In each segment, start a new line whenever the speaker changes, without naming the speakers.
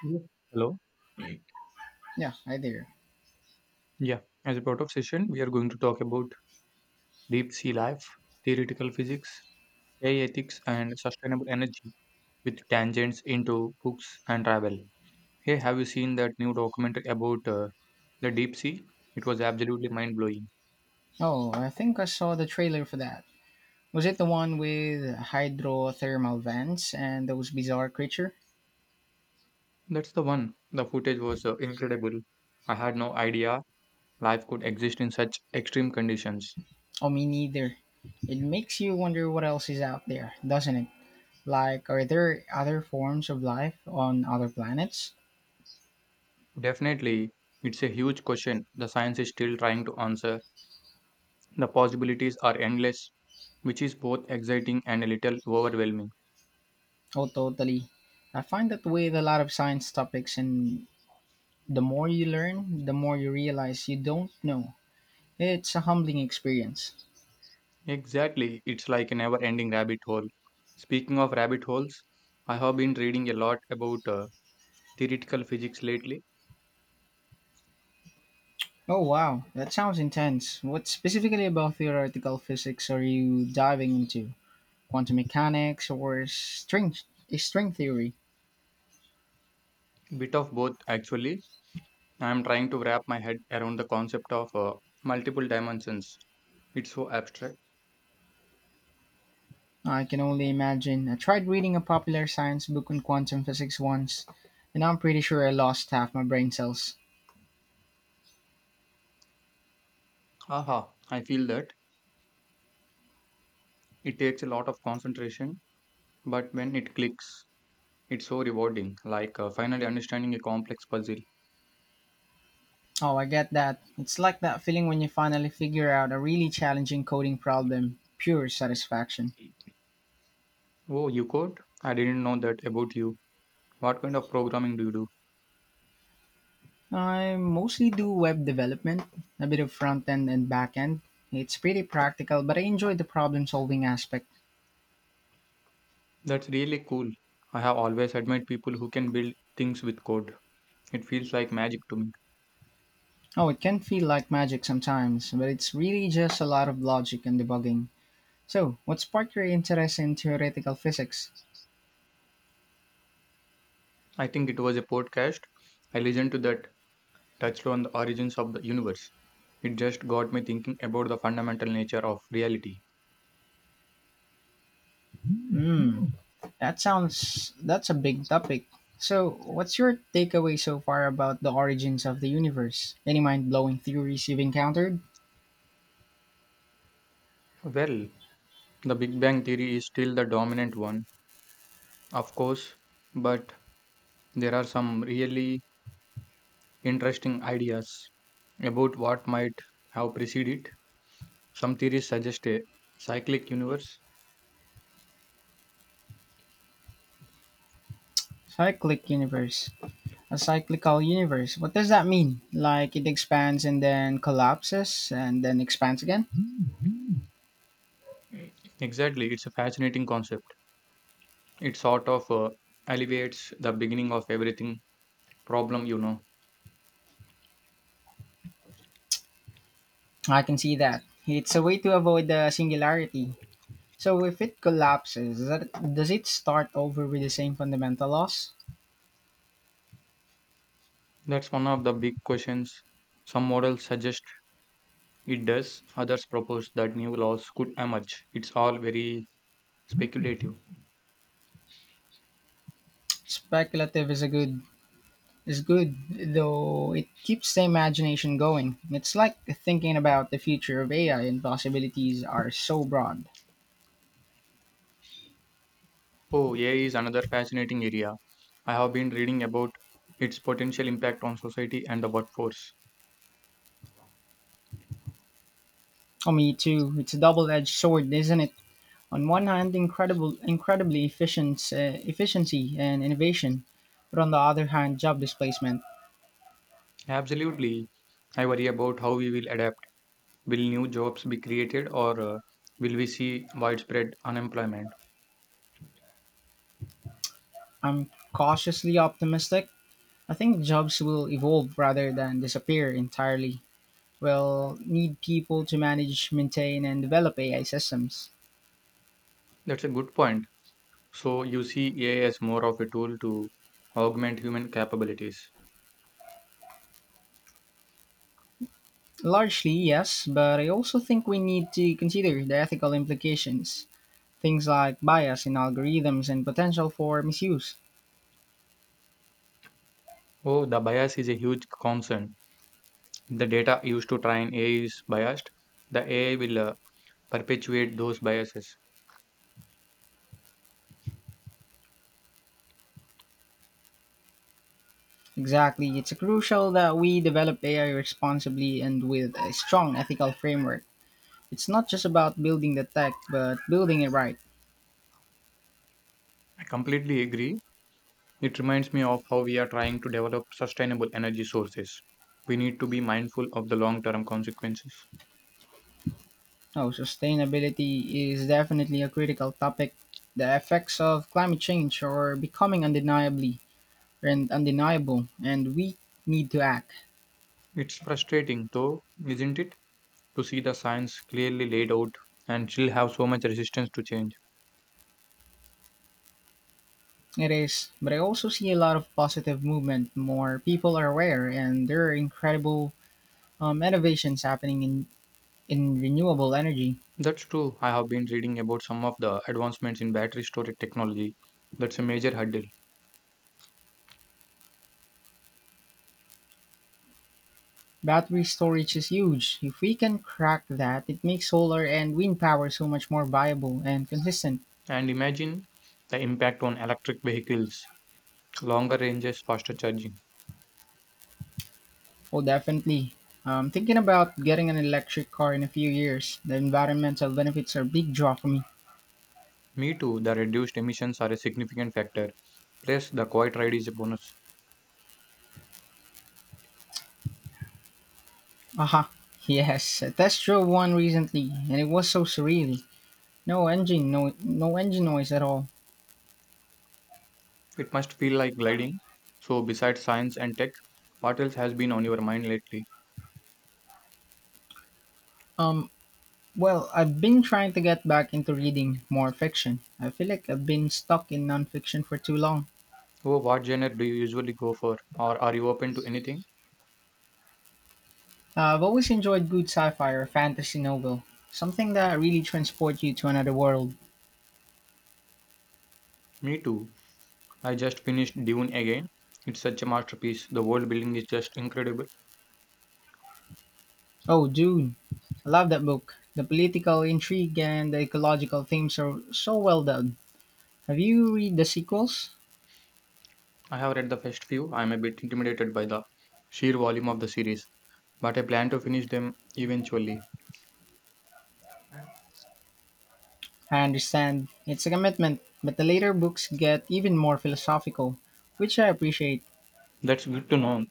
Yes. Hello.
Yeah, I there.
Yeah. As a part of session, we are going to talk about deep sea life, theoretical physics, AI ethics, and sustainable energy with tangents into books and travel. Hey, have you seen that new documentary about the deep sea? It was absolutely mind blowing.
Oh, I think I saw the trailer for that. Was it the one with hydrothermal vents and those bizarre creature?
That's the one. The footage was incredible. I had no idea life could exist in such extreme conditions.
Oh, me neither. It makes you wonder what else is out there, doesn't it? Like, are there other forms of life on other planets?
Definitely, it's a huge question the science is still trying to answer. The possibilities are endless, which is both exciting and a little overwhelming.
Oh, totally. I find that with a lot of science topics, and the more you learn, the more you realize you don't know. It's a humbling experience.
Exactly, it's like a never ending rabbit hole. Speaking of rabbit holes, I have been reading a lot about theoretical physics lately,
Oh wow, that sounds intense. What specifically about theoretical physics are you diving into? Quantum mechanics or string theory?
bit of both actually. I am trying to wrap my head around the concept of multiple dimensions. It's so abstract.
I can only imagine. I tried reading a popular science book on quantum physics once, and I'm pretty sure I lost half my brain cells.
Aha, I feel that it takes a lot of concentration, but when it clicks, it's so rewarding, like finally understanding a complex puzzle.
Oh, I get that. It's like that feeling when you finally figure out a really challenging coding problem. Pure satisfaction.
Oh, you code? I didn't know that about you. What kind of programming do you do?
I mostly do web development, a bit of front end and back end. It's pretty practical, but I enjoy the problem solving aspect.
That's really cool. I have always admired people who can build things with code. It feels like magic to me.
Oh, it can feel like magic sometimes, but it's really just a lot of logic and debugging. So, what sparked your interest in theoretical physics?
I think it was a podcast. I listened to that, touched on the origins of the universe. It just got me thinking about the fundamental nature of reality.
Hmm, that's a big topic. So, what's your takeaway so far about the origins of the universe? Any mind blowing theories you've encountered?
Well, the Big Bang theory is still the dominant one, of course, but there are some really interesting ideas about what might have preceded it. Some theories suggest a cyclic universe.
Cyclic universe. A cyclical universe. What does that mean? Like it expands and then collapses and then expands again?
Exactly, it's a fascinating concept. It sort of alleviates the beginning of everything problem,
I can see that. It's a way to avoid the singularity. So if it collapses, does it start over with the same fundamental laws?
That's one of the big questions. Some models suggest it does, others propose that new laws could emerge. It's all very speculative.
Speculative is a good is good, though it keeps the imagination going. It's like thinking about the future of AI and possibilities are so broad.
Oh, AI is another fascinating area. I have been reading about its potential impact on society and the workforce.
Oh, me too. It's a double-edged sword, isn't it? On one hand, incredibly efficient, efficiency and innovation, but on the other hand, job displacement.
Absolutely, I worry about how we will adapt. Will new jobs be created or will we see widespread unemployment?
I'm cautiously optimistic. I think jobs will evolve rather than disappear entirely. We'll need people to manage, maintain, and develop AI systems.
That's a good point. So you see AI as more of a tool to augment human capabilities.
Largely, yes, but I also think we need to consider the ethical implications, things like bias in algorithms and potential for misuse.
Oh, the bias is a huge concern. If the data used to train AI is biased, the AI will perpetuate those biases.
Exactly. It's crucial that we develop AI responsibly and with a strong ethical framework. It's not just about building the tech, but building it right.
I completely agree. It reminds me of how we are trying to develop sustainable energy sources. We need to be mindful of the long term consequences.
Oh, sustainability is definitely a critical topic. The effects of climate change are becoming undeniably and undeniable, and we need to act.
It's frustrating, though, isn't it, to see the science clearly laid out and still have so much resistance to change.
It is, but I also see a lot of positive movement. More people are aware, and there are incredible innovations happening in renewable energy.
That's true. I have been reading about some of the advancements in battery storage technology. That's a major hurdle.
Battery storage is huge. If we can crack that, it makes solar and wind power so much more viable and consistent.
And imagine the impact on electric vehicles, longer ranges, faster charging.
Oh, definitely. I'm thinking about getting an electric car in a few years. The environmental benefits are a big draw for me.
Me too, the reduced emissions are a significant factor. Plus, the quiet ride is a bonus.
Aha, yes, I test drove one recently, and it was so surreal. No engine, no engine noise at all.
It must feel like gliding. So, besides science and tech, what else has been on your mind lately?
Um, well, I've been trying to get back into reading more fiction. I feel like I've been stuck in nonfiction for too long.
Oh, what genre do you usually go for? Or are you open to anything?
I've always enjoyed good sci-fi or fantasy novel, something that really transports you to another world.
Me too. I just finished Dune again. It's such a masterpiece. The world building is just incredible.
Oh, Dune! I love that book. The political intrigue and the ecological themes are so well done. Have you read the sequels?
I have read the first few. I'm a bit intimidated by the sheer volume of the series, but I plan to finish them eventually.
I understand it's a commitment, but the later books get even more philosophical, which I appreciate.
That's good to know.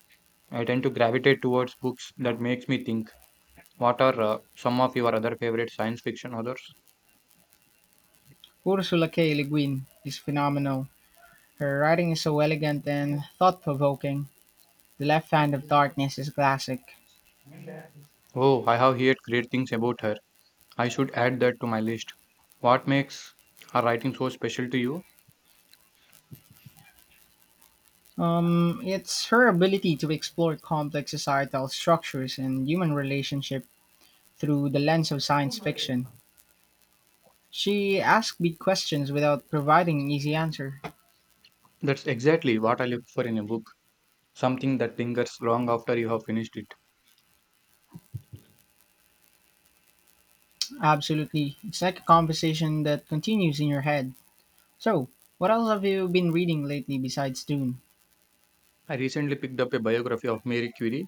I tend to gravitate towards books that makes me think. What are some of your other favorite science fiction authors?
Ursula K. Le Guin is phenomenal. Her writing is so elegant and thought-provoking. The Left Hand of Darkness is a classic.
Oh, I have heard great things about her. I should add that to my list. What makes her writing so special to you?
It's her ability to explore complex societal structures and human relationship through the lens of science fiction. She asks big questions without providing an easy answer.
That's exactly what I look for in a book. Something that lingers long after you have finished it.
Absolutely. It's like a conversation that continues in your head. So, what else have you been reading lately besides Dune?
I recently picked up a biography of Mary Curie.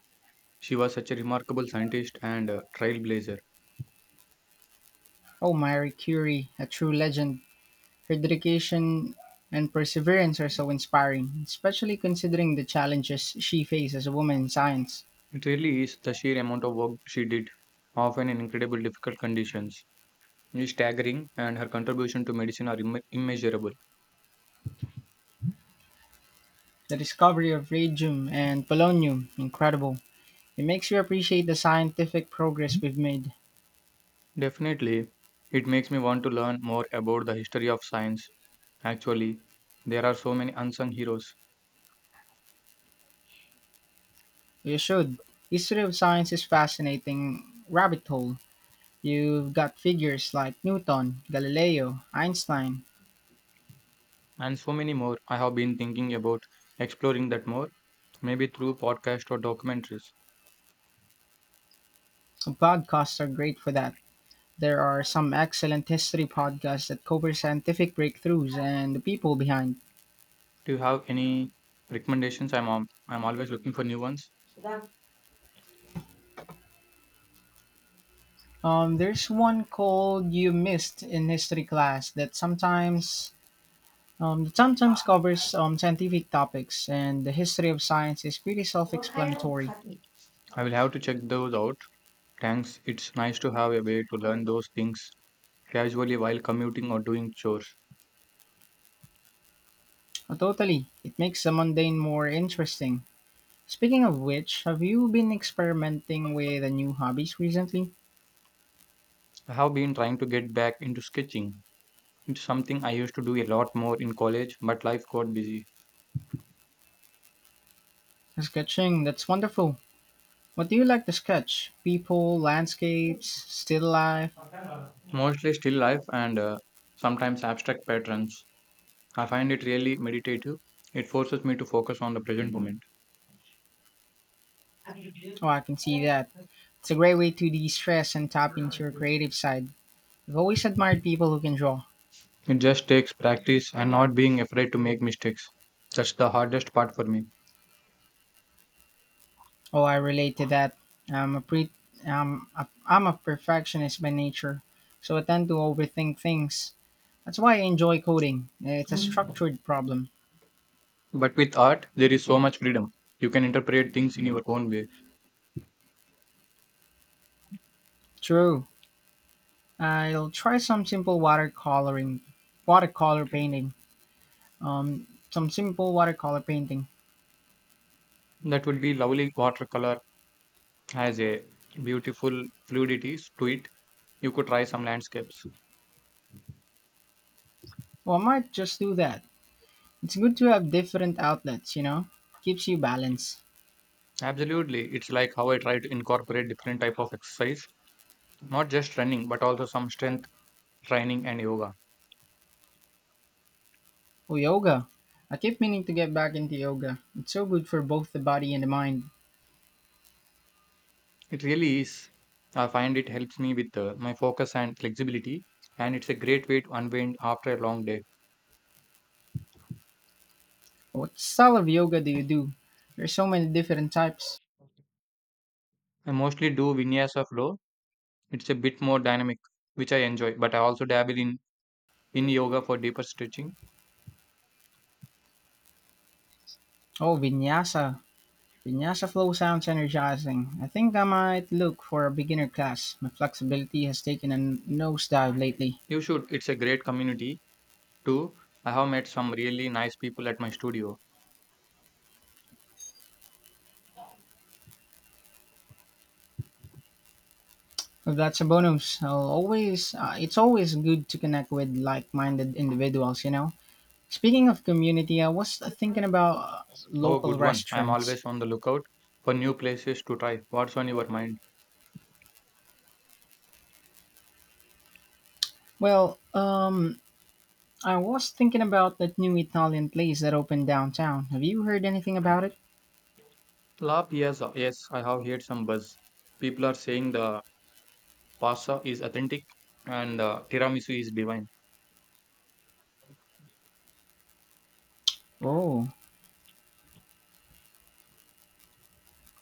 She was such a remarkable scientist and trailblazer.
Oh, Marie Curie, a true legend. Her dedication and perseverance are so inspiring, especially considering the challenges she faced as a woman in science.
It really is the sheer amount of work she did, often in incredible difficult conditions, is staggering, and her contribution to medicine are immeasurable.
The discovery of radium and polonium, incredible. It makes you appreciate the scientific progress we've made.
Definitely, it makes me want to learn more about the history of science. Actually, there are so many unsung heroes,
You should. History of science is fascinating rabbit hole. You've got figures like Newton, Galileo, Einstein.
and so many more. I have been thinking about exploring that more, maybe through podcast or documentaries.
Podcasts are great for that. There are some excellent history podcasts that cover scientific breakthroughs and the people behind.
Do you have any recommendations? I'm always looking for new ones.
There's one called You Missed in History Class that sometimes covers scientific topics, and the history of science is pretty self explanatory.
I will have to check those out. Thanks. It's nice to have a way to learn those things casually while commuting or doing chores.
Totally, it makes the mundane more interesting. Speaking of which, have you been experimenting with the new hobbies recently?
I have been trying to get back into sketching. It's something I used to do a lot more in college, but life got busy.
Sketching, that's wonderful. What do you like to sketch? People, landscapes, still life?
Mostly still life and sometimes abstract patterns. I find it really meditative. It forces me to focus on the present moment.
Oh, I can see that. It's a great way to de stress and tap into your creative side. I've always admired people who can draw.
It just takes practice and not being afraid to make mistakes. That's the hardest part for me.
Oh, I relate to that. I'm a pre- I'm a perfectionist by nature, so I tend to overthink things. That's why I enjoy coding. It's a structured problem.
But with art, there is so much freedom. You can interpret things in your own way.
True. I'll try some simple watercoloring, watercolor painting. Some simple watercolor painting.
That would be lovely. Watercolor has a beautiful fluidity to it. You could try some landscapes.
Well, I might just do that. It's good to have different outlets, you know. Keeps you balanced.
Absolutely, it's like how I try to incorporate different type of exercise, not just running, but also some strength training and yoga.
Oh, yoga. I keep meaning to get back into yoga. It's so good for both the body and the mind.
It really is. I find it helps me with my focus and flexibility, and it's a great way to unwind after a long day.
What style of yoga do you do? There's so many different types.
I mostly do vinyasa flow. It's a bit more dynamic, which I enjoy, but I also dabble in yoga for deeper stretching.
Oh, vinyasa. Vinyasa flow sounds energizing. I think I might look for a beginner class. My flexibility has taken a nosedive lately.
You should. It's a great community too. I have met some really nice people at my studio.
Well, that's a bonus. It's always good to connect with like-minded individuals, you know. Speaking of community, I was thinking about
Oh,
local
good one. I am
restaurants.
always on the lookout for new places to try. What's on your mind?
Well, I was thinking about that new Italian place that opened downtown. Have you heard anything about it?
La Piazza. Yes, I have heard some buzz. People are saying the pasta is authentic and the tiramisu is divine.
Oh,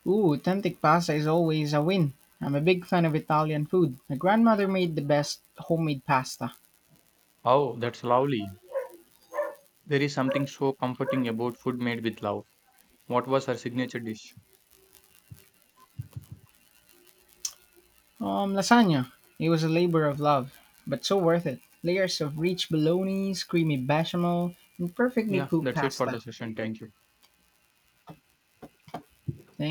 Ooh, authentic pasta is always a win. I'm a big fan of Italian food. My grandmother made the best homemade pasta.
Oh, that's lovely. There is something so comforting about food made with love. What was her signature dish?
Lasagna. It was a labor of love, but so worth it. Layers of rich bolognese, creamy bechamel, and perfectly
Yeah,
cooked
that's it for the
pasta.
session. Thank you.